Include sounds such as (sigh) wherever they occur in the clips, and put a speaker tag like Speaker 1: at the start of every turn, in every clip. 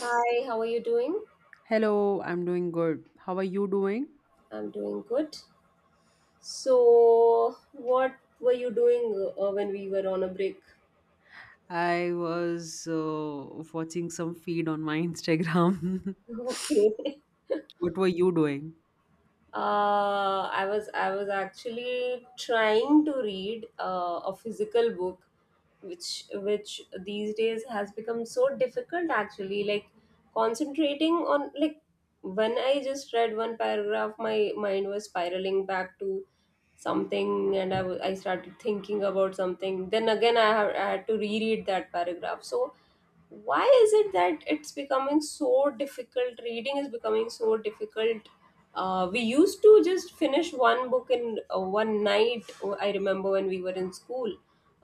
Speaker 1: Hi, how are you doing?
Speaker 2: Hello, I'm doing good. How are you doing?
Speaker 1: I'm doing good. So, what were you doing when we were on a break?
Speaker 2: I was watching some feed on my (laughs) Instagram.
Speaker 1: (laughs) Okay.
Speaker 2: What were you doing?
Speaker 1: I was actually trying to read a physical book, which these days has become so difficult. Actually, like concentrating on like when I just read one paragraph, my mind was spiraling back to something, and I started thinking about something. Then again, I had to reread that paragraph. So why is it that it's becoming so difficult, reading is becoming so difficult. We used to just finish one book in one night. Oh, I remember when we were in school,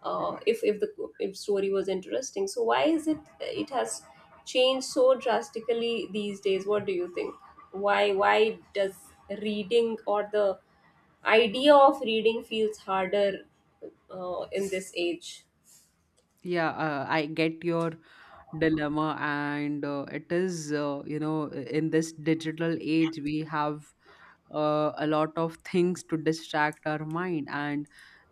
Speaker 1: if the if story was interesting. So why is it it has changed so drastically these days? What do you think? Why does reading or the idea of reading feels harder in this age?
Speaker 2: Yeah, I get your dilemma, and it is, you know, in this digital age, we have a lot of things to distract our mind. And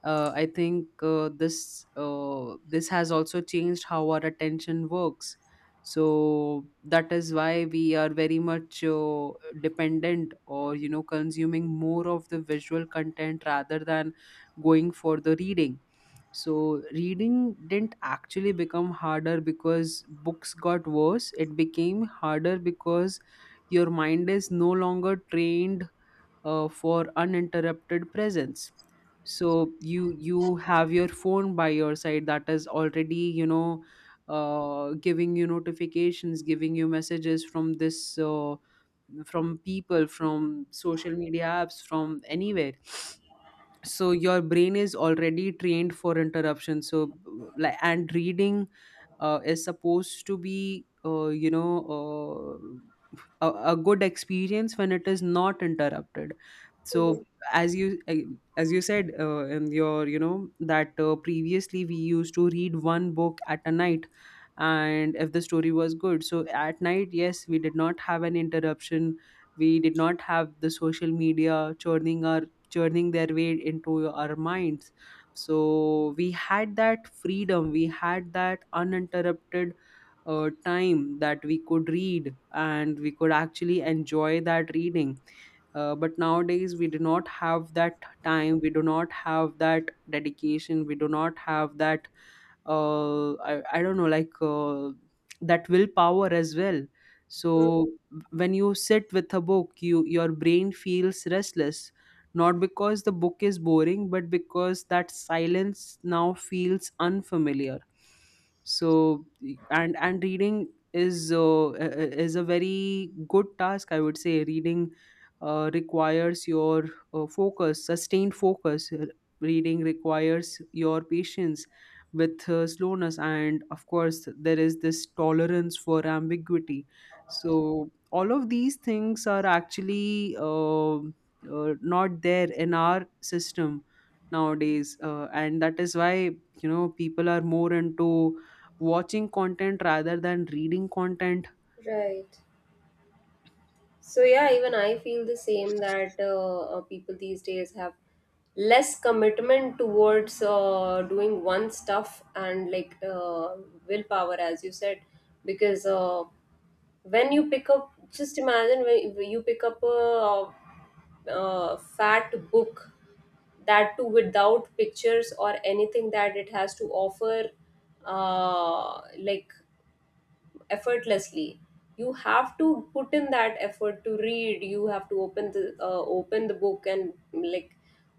Speaker 2: I think, this has also changed how our attention works. So that is why we are very much dependent, or you know, consuming more of the visual content rather than going for the reading. So reading didn't actually become harder because books got worse. It became harder because your mind is no longer trained for uninterrupted presence. So you have your phone by your side. That is already, you know, giving you notifications, giving you messages from this from people, from social media apps, from anywhere. So your brain is already trained for interruption. So like, and reading is supposed to be, you know, uh, a good experience when it is not interrupted.
Speaker 1: Mhm.
Speaker 2: So as as you said, in your, you know, that previously we used to read one book at a night, and if the story was good. So at night, yes, we did not have an interruption. We did not have the social media churning their way into our minds. So we had that freedom, we had that uninterrupted time that we could read, and we could actually enjoy that reading. But nowadays, we do not have that time, we do not have that dedication, we do not have that, I don't know, like that willpower as well. So when you sit with a book, your brain feels restless, not because the book is boring, but because that silence now feels unfamiliar. So and reading is, is a very good task, I would say. Reading requires your focus, sustained focus. Reading requires your patience with slowness, and of course there is this tolerance for ambiguity. So all of these things are actually, not there in our system nowadays, and that is why, you know, people are more into watching content rather than reading content.
Speaker 1: Right. So yeah, even I feel the same that people these days have less commitment towards doing one stuff, and like willpower, as you said, because when you pick up, just imagine when you pick up a fat book that too without pictures or anything that it has to offer, like effortlessly, you have to put in that effort to read. You have to open the book and like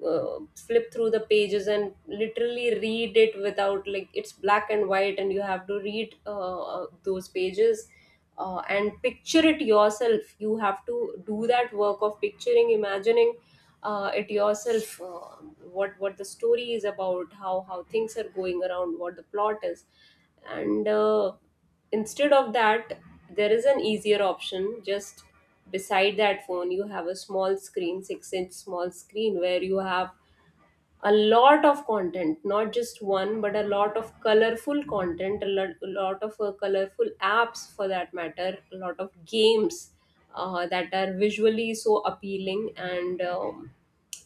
Speaker 1: flip through the pages and literally read it without, like, it's black and white, and you have to read those pages and picture it yourself. You have to do that work of picturing, imagining it yourself. What the story is about, how things are going around, what the plot is, and instead of that, there is an easier option. Just beside that phone, you have a small screen, six-inch small screen, where you have a lot of content, not just one but a lot of colorful content, a lot of colorful apps for that matter, a lot of games that are visually so appealing, and um,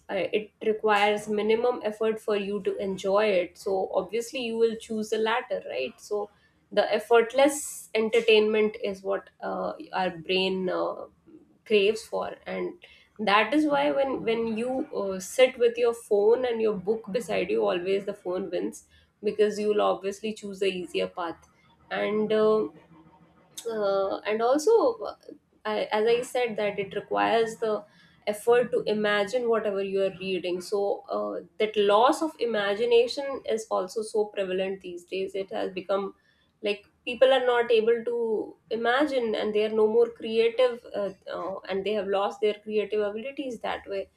Speaker 1: uh, it requires minimum effort for you to enjoy it. So obviously you will choose the latter, right? So the effortless entertainment is what our brain craves for. And that is why when you sit with your phone and your book beside you, always the phone wins, because you'll obviously choose the easier path. And uh, uh, and also uh, I, as I said, that it requires the effort to imagine whatever you are reading. So that loss of imagination is also so prevalent these days. It has become like people are not able to imagine, and they are no more creative, and they have lost their creative abilities that way.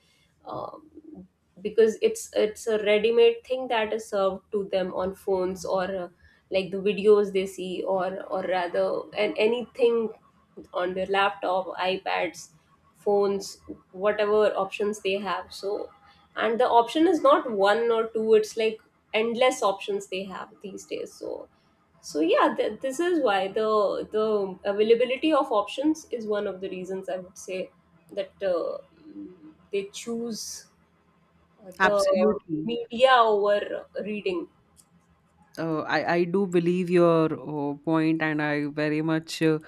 Speaker 1: Um, because it's a ready-made thing that is served to them on phones, or like the videos they see, or rather, and anything on their laptop, iPads, phones, whatever options they have. So, and the option is not one or two, it's like endless options they have these days. So so yeah, this is why the availability of options is one of the reasons, I would say, that they choose the
Speaker 2: Absolutely.
Speaker 1: media over reading.
Speaker 2: I do believe your point, and I very much, uh,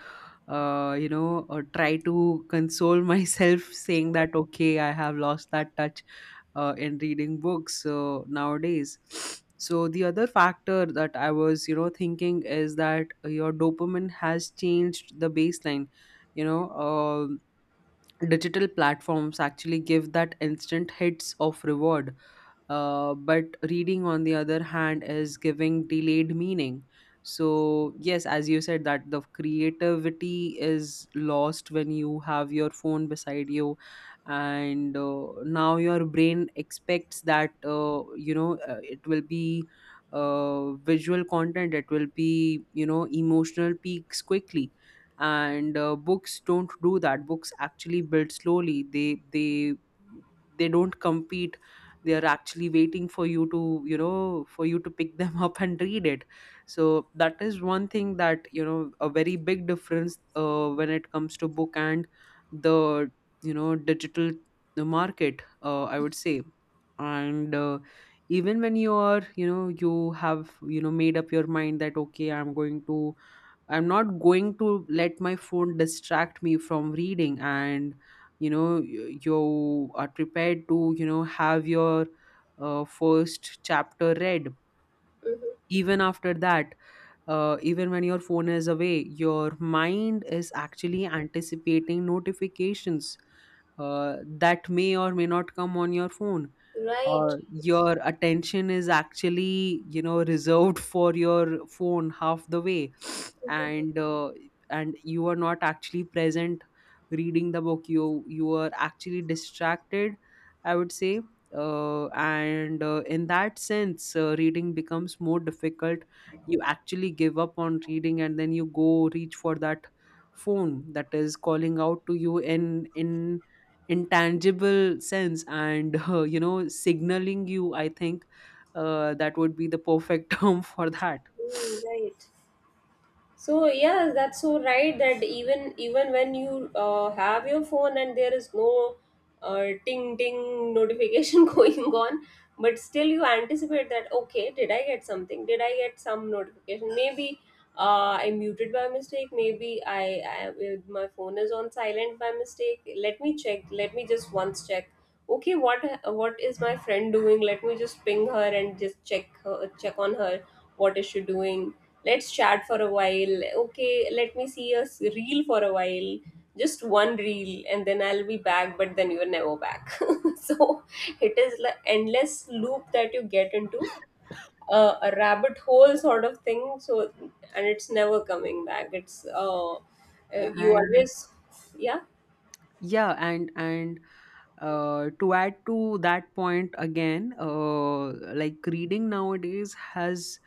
Speaker 2: uh, you know, try to console (laughs) myself saying that, okay, I have lost that touch in reading books nowadays. So, the other factor that I was, you know, thinking is that your dopamine has changed the baseline. You know, digital platforms actually give that instant hits of reward. But reading, on the other hand, is giving delayed meaning. So, yes, as you said, that the creativity is lost when you have your phone beside you, and now your brain expects that, you know, it will be visual content, it will be, you know, emotional peaks quickly. And books don't do that. Books actually build slowly. They they don't compete. They are actually waiting for you to, you know, for you to pick them (laughs) up and read it. So that is one thing, that you know, a very big difference when it comes to book and the, you know, digital the market, I would say. And even when you are, you know, you have, you know, made up your mind that okay, I'm not going to let my phone distract me from reading. And you know, you are prepared to, you know, have your first chapter read.
Speaker 1: Mm-hmm.
Speaker 2: Even after that, even when your phone is away, your mind is actually anticipating notifications that may or may not come on your phone.
Speaker 1: Right.
Speaker 2: Or your attention is actually, you know, reserved for your phone half the way.
Speaker 1: Mm-hmm.
Speaker 2: and uh, and you are not actually present reading the book. You are actually distracted, I would say, and in that sense, reading becomes more difficult. You actually give up on reading, and then you go reach for that phone that is calling out to you in, intangible sense, and (laughs) you know, signaling you. I think that would be the perfect (laughs) term for that.
Speaker 1: Mm, right. So yeah, that's so right that even even when you have your phone and there is no ting ting notification (laughs) going on, but still you anticipate that, okay, did I get something? Did I get some notification? Maybe I muted by mistake. Maybe my phone is on silent by mistake. Let me check. Let me just once check. Okay, what is my friend doing? Let me just ping her and just check her, check on her. What is she doing? Let's chat for a while. Okay, let me see a reel for a while, just one reel and then I'll be back. But then you're never back. (laughs) So it is like endless loop that you get into, a rabbit hole sort of thing. So, and it's never coming back. It's you
Speaker 2: And
Speaker 1: always, yeah,
Speaker 2: yeah, and to add to that point again, like reading nowadays has,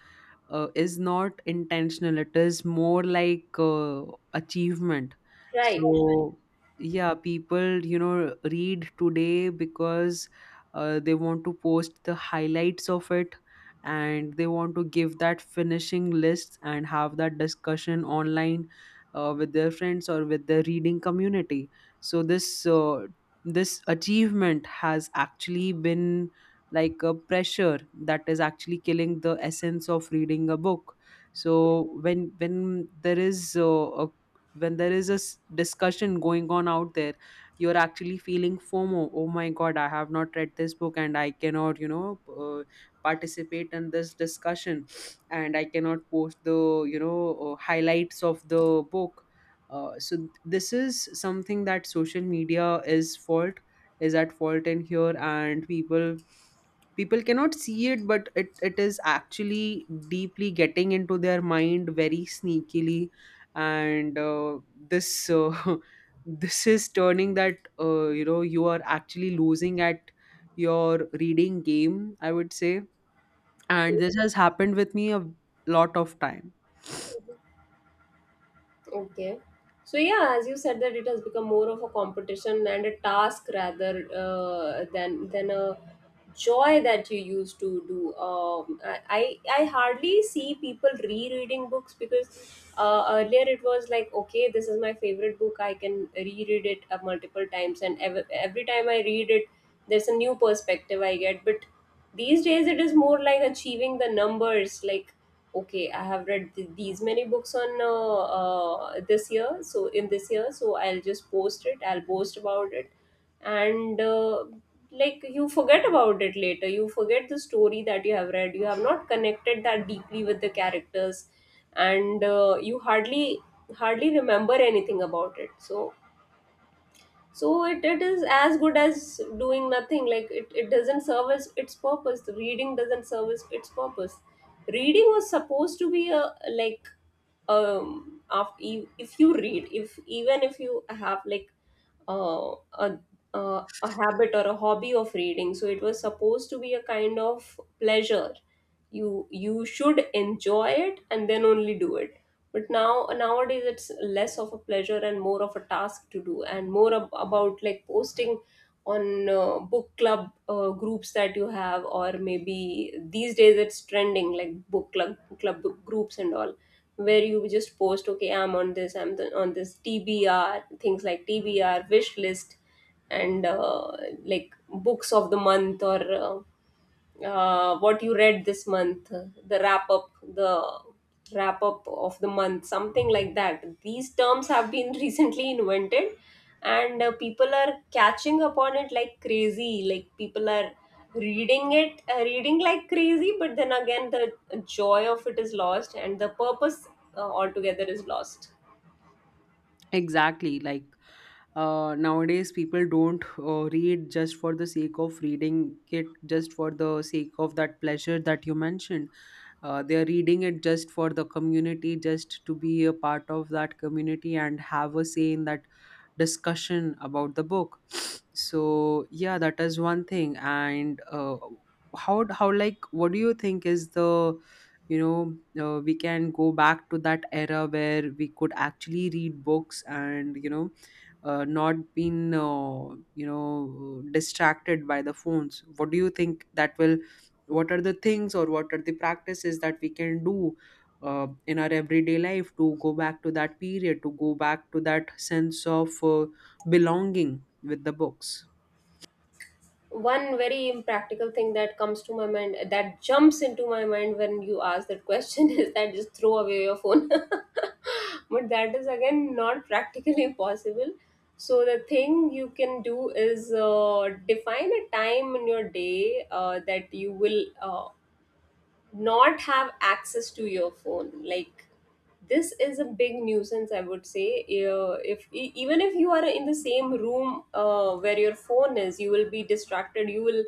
Speaker 2: is not intentional. It is more like achievement.
Speaker 1: right.
Speaker 2: So yeah, people, you know, read today because they want to post the highlights of it, and they want to give that finishing list and have that discussion online with their friends or with their reading community. So this achievement has actually been like a pressure that is actually killing the essence of reading a book. So when there is, a when there is a discussion going on out there, you're actually feeling FOMO. Oh my god, I have not read this book, and I cannot, you know, participate in this discussion, and I cannot post the, you know, highlights of the book. So this is something that social media is at fault in here. And people cannot see it, but it is actually deeply getting into their mind very sneakily. And this (laughs) this is turning that, you know, you are actually losing at your reading game, I would say. And this has happened with me a lot of time.
Speaker 1: Okay. So yeah, as you said, that it has become more of a competition and a task, rather than a joy that you used to do. I hardly see people rereading books because earlier it was like, okay, this is my favorite book. I can reread it multiple times, and every time I read it, there's a new perspective I get. But these days it is more like achieving the numbers, like, okay, I have read these many books on this year, so in this year so I'll just post it, I'll boast about it. And like you forget about it later, you forget the story that you have read. You have not connected that deeply with the characters, and you hardly hardly remember anything about it. So so it is as good as doing nothing. Like it doesn't service its purpose, the reading doesn't service its purpose. Reading was supposed to be a like, um, after you, if you read, if even if you have like uh, a a habit or a hobby of reading, so it was supposed to be a kind of pleasure. You should enjoy it and then only do it. But now nowadays it's less of a pleasure and more of a task to do, and more about like posting on book club groups that you have, or maybe these days it's trending like book club club groups and all, where you just post, okay, I'm on this, on this TBR, things like TBR wish list. And like books of the month, or what you read this month, the wrap up of the month, something like that. These terms have been (laughs) recently invented, and people are catching upon it like crazy. Like people are reading it, reading like crazy, but then again, the joy of it is lost, and the purpose altogether is lost.
Speaker 2: Exactly. Like nowadays, people don't read just for the sake of reading it, just for the sake of that pleasure that you mentioned. They are reading it just for the community, just to be a part of that community and have a say in that discussion about the book. (sniffs) So yeah, that is one thing. And how, like, what do you think is the, you know, we can go back to that era where we could actually read books, and you know, not been, you know, distracted by the phones? What do you think that will what are the things, or what are the practices that we can do in our everyday life to go back to that period, to go back to that sense of belonging with the books?
Speaker 1: One very impractical thing that comes to my mind, that jumps into my mind when you ask that question, (laughs) is that just throw away your phone. (laughs) But that is again not practically (laughs) possible. So the thing you can do is define a time in your day that you will not have access to your phone. Like this is a big nuisance, I would say. If even if you are in the same room where your phone is, you will be distracted. You will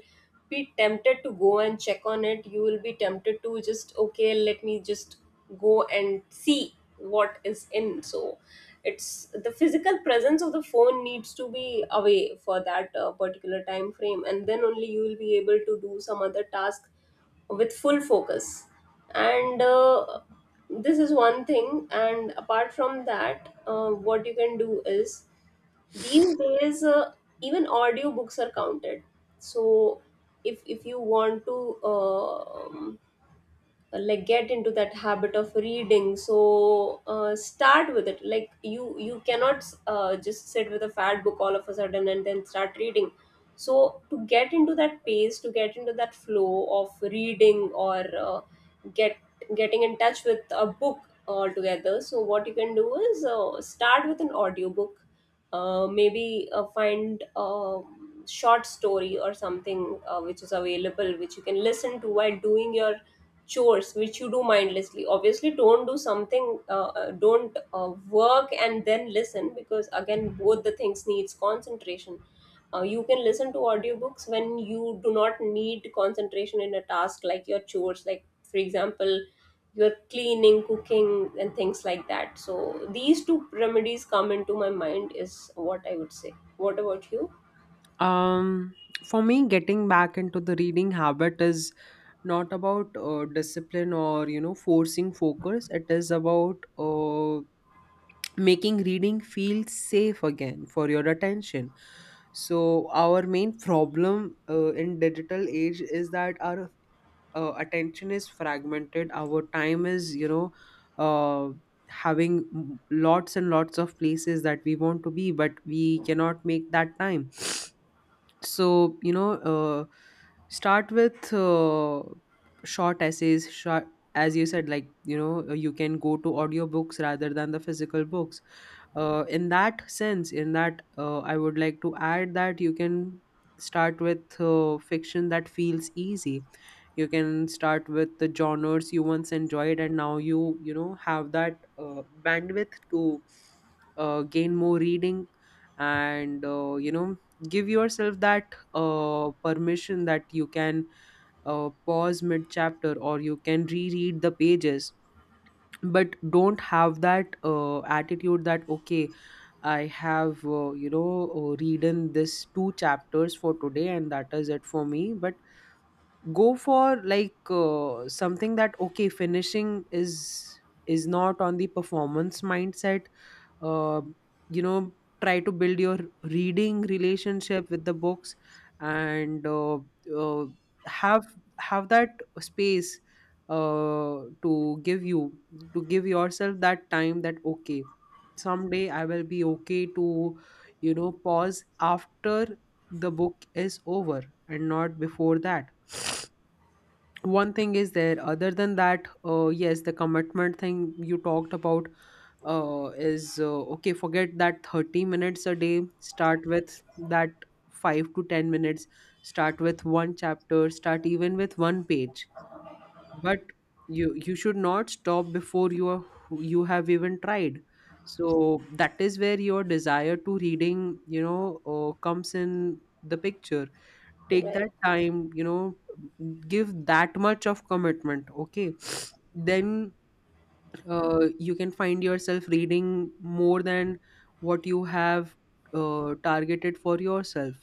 Speaker 1: be tempted to go and check on it. You will be tempted to just, okay, let me just go and see what is in. So it's the physical presence of the phone needs to be away for that particular time frame, and then only you will be able to do some other task with full focus. And this is one thing, and apart from that, what you can do is, these days even audiobooks are counted. So if you want to uh, um like get into that habit of reading, so start with it. Like you cannot just sit with a fat book all of a sudden and then start reading. So to get into that pace, to get into that flow of reading, or get getting in touch with a book altogether, so what you can do is start with an audiobook. Maybe find a short story or something which is available, which you can listen to while doing your chores, which you do mindlessly. Obviously don't do something, don't work and then listen, because again both the things needs concentration. You can listen to audiobooks when you do not need concentration in a task, like your chores, like for example you're cleaning, cooking and things like that. So these two remedies come into my mind, is what I would say. What about you?
Speaker 2: Um, for me, getting back into the reading habit is not about discipline or, you know, forcing focus. It is about making reading feel safe again for your attention. So our main problem, in digital age, is that our attention is fragmented. Our time is, you know, uh, having lots and lots of places that we want to be, but we cannot make that time. So you know, start with short essays, short, as you said, like you know, you can go to audiobooks rather than the physical books. In that sense, in that, I would like to add that you can start with fiction that feels easy. You can start with the genres you once enjoyed, and now you know, have that bandwidth to gain more reading. And you know, give yourself that permission that you can pause mid chapter, or you can reread the pages. But don't have that attitude that okay, I have you know, reading this two chapters for today and that is it for me. But go for like something that okay, finishing is not on the performance mindset. uh, you know, try to build your reading relationship with the books. And uh, have have that space to give you to give yourself that time that okay, someday I will be okay to, you know, pause after the book is over, and not before that. One thing is there. Other than that, yes, the commitment thing you talked about, is okay, forget that 30 minutes a day, start with that 5 to 10 minutes. Start with one chapter, start even with one page. But you should not stop before you have even tried. So that is where your desire to reading, you know, comes in the picture. Take
Speaker 1: Right.
Speaker 2: that time, you know, give that much of commitment. Okay, then you can find yourself reading more than what you have targeted for yourself.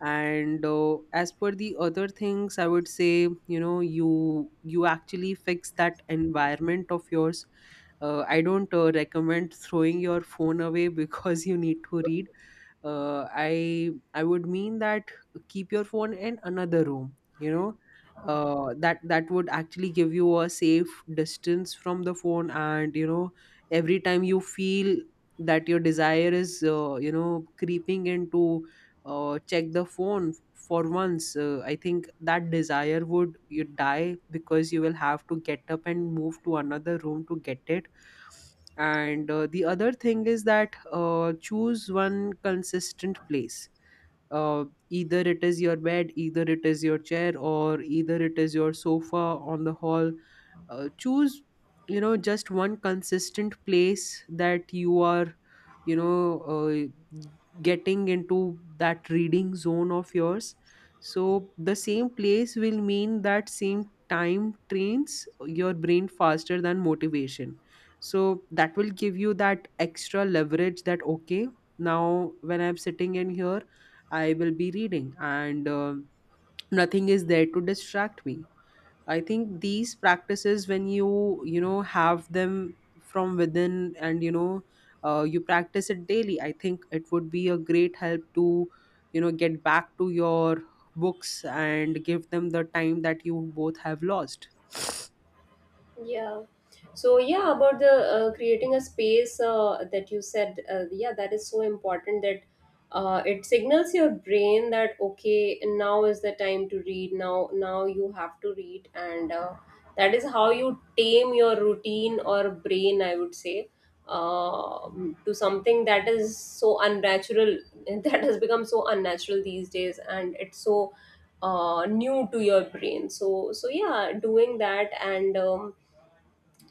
Speaker 2: And as per the other things, I would say, you know, you actually fix that environment of yours. I don't recommend throwing your phone away (laughs) because you need to read. I would mean that keep your phone in another room, you know. That would actually give you a safe distance from the phone. And you know, every time you feel that your desire is, you know, creeping into, Check the phone for once. I think that desire would you die because you will have to get up and move to another room to get it. And the other thing is that, choose one consistent place. uh, Either it is your bed, either it is your chair, or either it is your sofa on the hall. Choose, you know, just one consistent place that you are, you know uh, getting into that reading zone of yours. So the same place will mean that same time trains your brain faster than motivation. So that will give you that extra leverage that okay, now when I'm sitting in here I will be reading, and nothing is there to distract me. I think these practices, when you know, have them from within, and you practice it daily, I think it would be a great help to, you know, get back to your books and give them the time that you both have lost.
Speaker 1: Yeah. So yeah, about the creating a space that you said, yeah, that is so important, that it signals your brain that, okay, now is the time to read. Now, now you have to read, and that is how you tame your routine or brain, I would say, uh, to something that is so unnatural, (laughs) that has become so unnatural these days, and it's so new to your brain. So, so yeah, doing that and. Um,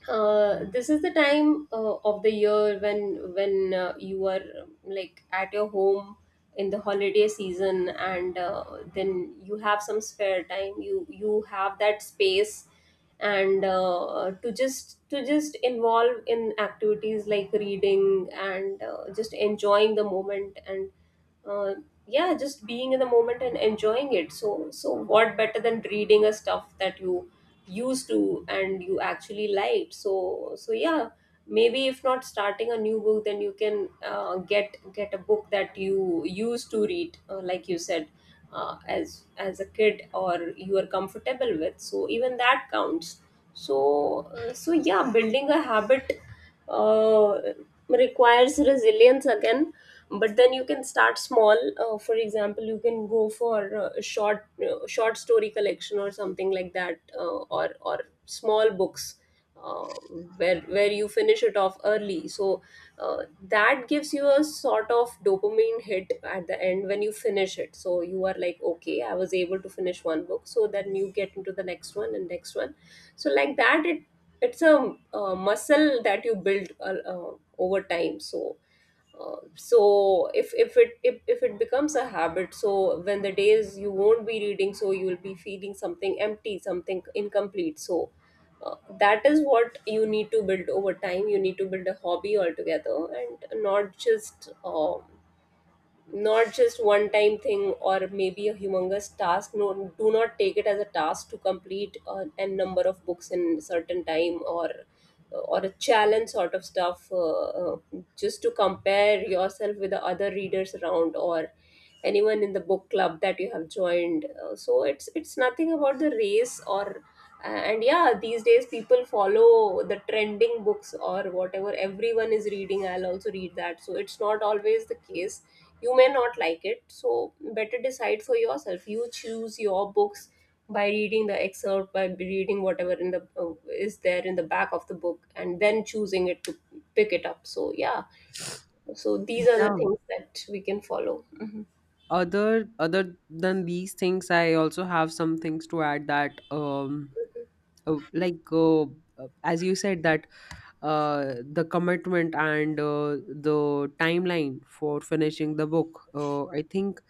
Speaker 1: uh, This is the time of the year when you are like at your home in the holiday season, and then you have some spare time, you have that space and to just involve in activities like reading and just enjoying the moment and uh, yeah, just being in the moment and enjoying it. So what better than reading a stuff that you used to and you actually liked? So yeah, maybe if not starting a new book, then you can get a book that you used to read, like you said, as a kid, or you are comfortable with. So even that counts. So so yeah, building a habit uh, requires resilience again. But then you can start small. For example, you can go for a short short story collection or something like that, or small books, uh, where you finish it off early. So that gives you a sort of dopamine hit at the end. When you finish it, so you are like, okay, I was able to finish one book, so then you get into the next one and next one. So like that, it's a muscle that you build over time. So so if it becomes a habit, so when the days you won't be reading, so you will be feeling something empty, something incomplete. So that is what you need to build over time. You need to build a hobby altogether, and not just not just one time thing, or maybe a humongous task. No, do not take it as a task to complete n number of books in certain time, or a challenge sort of stuff, uh, just to compare yourself with the other readers around, or anyone in the book club that you have joined. So it's nothing about the race, or, and yeah, these days people follow the trending books, or whatever everyone is reading, I'll also read that. So it's not always the case. You may not like it. So better decide for yourself, you choose your books by reading the excerpt, by reading whatever in the is there in the back of the book, and then choosing it to pick it up. So yeah, so these are the
Speaker 2: Yeah.
Speaker 1: things that we can follow. Mhm.
Speaker 2: Other than these things, I also have some things to add that uh, like uh, uh, as you said that, the commitment and the timeline for finishing the book. I think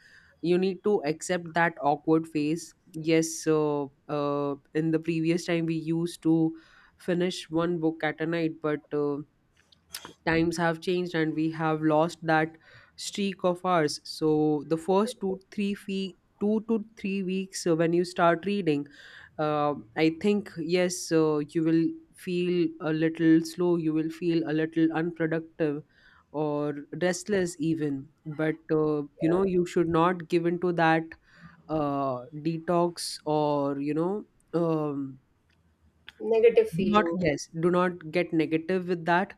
Speaker 2: you need to accept that awkward phase. Yes, in the previous time we used to finish one book at a night, but times have changed and we have lost that streak of ours. So the first 2 to 3 weeks, when you start reading, I think yes, you will feel a little slow, you will feel a little unproductive or restless even. But you know, you should not give into that detox, or you know, um,
Speaker 1: Negative
Speaker 2: do not,
Speaker 1: feeling.
Speaker 2: yes, do not get negative with that.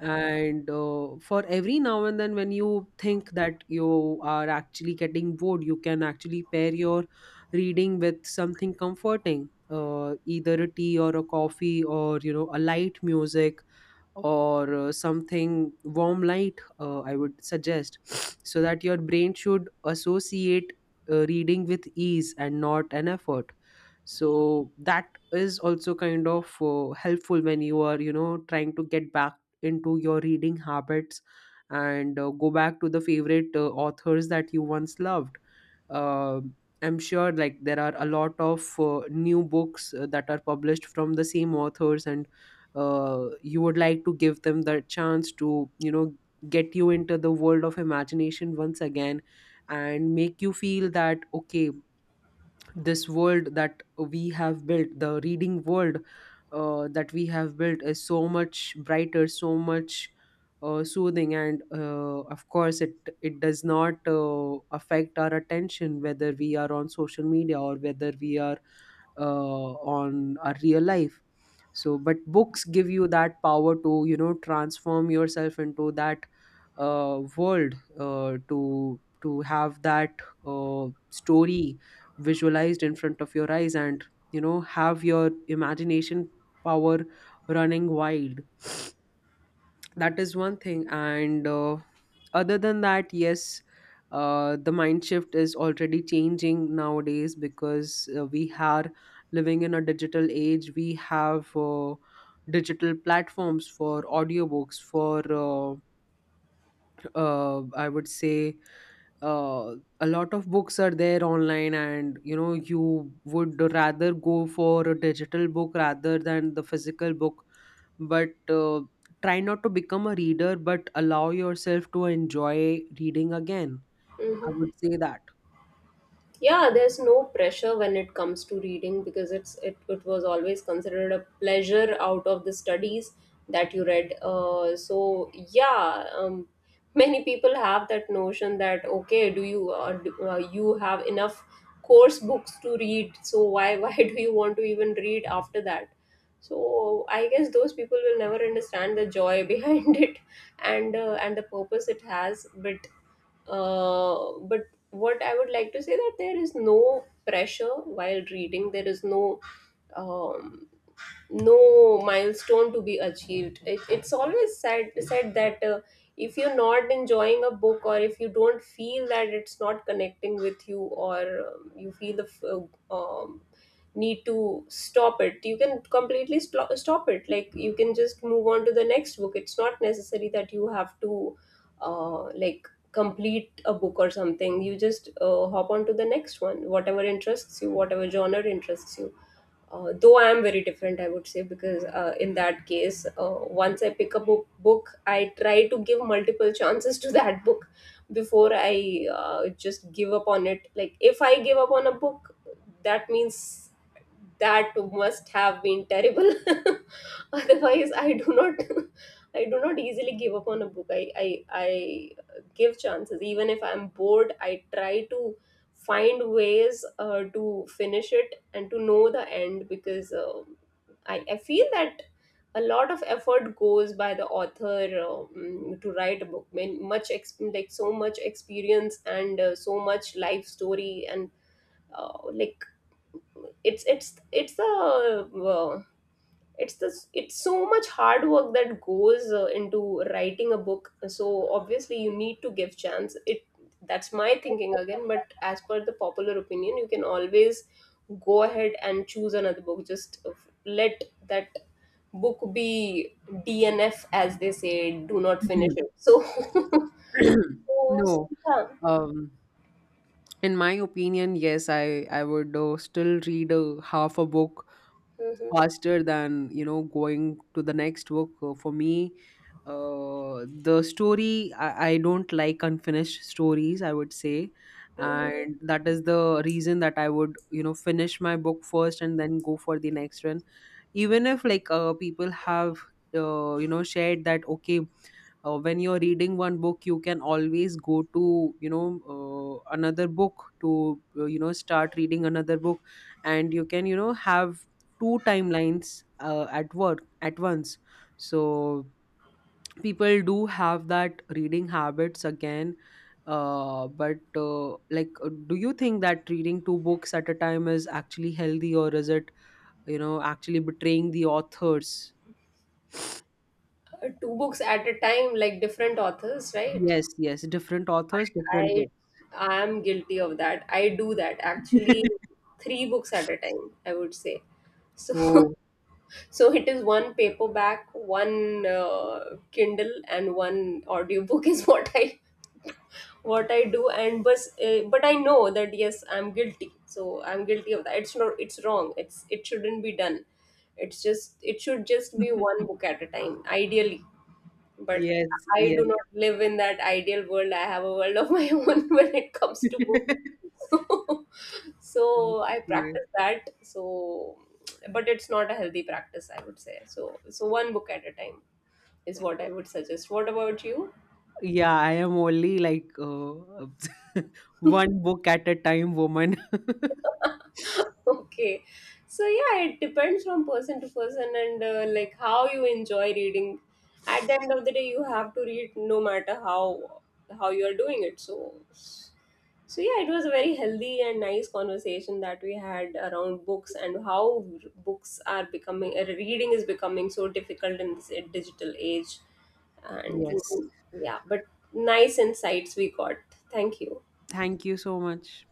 Speaker 2: And for every now and then when you think that you are actually getting bored, you can actually pair your reading with something comforting. Either a tea or a coffee, or you know, a light music, or something warm light, I would suggest. (sniffs) So that your brain should associate reading with ease and not an effort. So that is also kind of helpful when you are, you know, trying to get back into your reading habits. And go back to the favorite authors that you once loved. uh, I'm sure, like, there are a lot of new books that are published from the same authors, and you would like to give them the chance to, you know, get you into the world of imagination once again and make you feel that okay, this world that we have built, the reading world that we have built, is so much brighter, so much soothing, and of course it, it does not affect our attention, whether we are on social media or whether we are on our real life. So but books give you that power to, you know, transform yourself into that world, to have that story visualized in front of your eyes, and you know, have your imagination power running wild. That is one thing, and other than that, yes, the mind shift is already changing nowadays, because we are living in a digital age. We have digital platforms for audiobooks, for I would say, uh, a lot of books are there online, and you know, you would rather go for a digital book rather than the physical book. But try not to become a reader, but allow yourself to enjoy reading again. I
Speaker 1: Hmm.
Speaker 2: would say that.
Speaker 1: Yeah, there's no pressure when it comes to reading, because it was always considered a pleasure out of the studies, that you read. So yeah, many people have that notion that, okay, do you have enough course books to read, so why (laughs) why do you want to even read after that? So I guess those people will never understand the joy (laughs) behind it, and the purpose it has. But but what I would like to say, that there is no pressure while reading. There is no, um, no milestone to be achieved. It's always said that if you're not enjoying a book, or if you don't feel that it's not connecting with you, or you feel the um, need to stop it. You can completely stop it. Like, you can just move on to the next book. It's not necessary that you have to like, complete a book or something. You just hop on to the next one, whatever interests you, whatever genre interests you. Though I am very different, I would say, because in that case, once I pick a book, I try to give multiple chances to (laughs) that book before I just give up on it. Like, if I give up on a book, that means that must have been terrible. (laughs) (laughs) Otherwise I do not, (laughs) I do not easily give up on a book. I give chances even if I'm bored. I try to find ways to finish it and to know the end, because I feel that a lot of effort goes by the author, to write a book. Man, much ex- like so much experience and so much life story, and like it's a. uh, it's this, it's so much hard work that goes into writing a book. So obviously you need to give chance it. That's my thinking again. But as per the popular opinion, you can always go ahead and choose another book. Just let that book be DNF, as they say, do not finish
Speaker 2: Mhm.
Speaker 1: it. So (laughs)
Speaker 2: (clears throat)
Speaker 1: so, so
Speaker 2: No,
Speaker 1: yeah.
Speaker 2: um, in my opinion, yes, I would still read a half a book
Speaker 1: Mhm.
Speaker 2: faster than, you know, going to the next book. For me, the story, I don't like unfinished stories, I would say.
Speaker 1: Mhm.
Speaker 2: And that is the reason that I would, you know, finish my book first and then go for the next one, even if, like, people have you know shared that okay, when you're reading one book, you can always go to, you know, another book to, you know, start reading another book, and you can, you know, have two timelines at work at once. So people do have that reading habits again. But Like, do you think that reading two books at a time is actually healthy, or is it, you know, actually betraying the authors?
Speaker 1: Two books at a time, like different authors, right?
Speaker 2: Yes, yes, different authors, different
Speaker 1: I
Speaker 2: books.
Speaker 1: I'm guilty of that. I do that actually,
Speaker 2: (laughs)
Speaker 1: three books at a time, I would say. So (laughs)
Speaker 2: Oh.
Speaker 1: so it is one paperback, one Kindle, and one audiobook is (laughs) what I, what I do. And, but I know that, yes, I'm guilty. So I'm guilty of that. It's not, it's wrong. It's, it shouldn't be done. It's just, it should just be one book
Speaker 2: (laughs)
Speaker 1: at a time, ideally. But
Speaker 2: Yes,
Speaker 1: I
Speaker 2: yes.
Speaker 1: do not live in that ideal world. I have a world of my (laughs) own when it comes to books.
Speaker 2: (laughs)
Speaker 1: (laughs) So I
Speaker 2: Okay.
Speaker 1: practice that. So, but it's not a healthy practice, I would say. So, so one book at a time is what I would suggest. What about you?
Speaker 2: Yeah, I am only like (laughs) one book at a time woman. (laughs)
Speaker 1: (laughs) Okay, so yeah, it depends from person to person, and like, how you enjoy reading. At the end of the day you have to read, no matter how you are doing it. So, so yeah, it was a very healthy and nice conversation that we had around books, and how books are becoming, reading is becoming so difficult in this digital age. And
Speaker 2: Yes.
Speaker 1: yeah, but nice insights we got. Thank you.
Speaker 2: Thank you so much.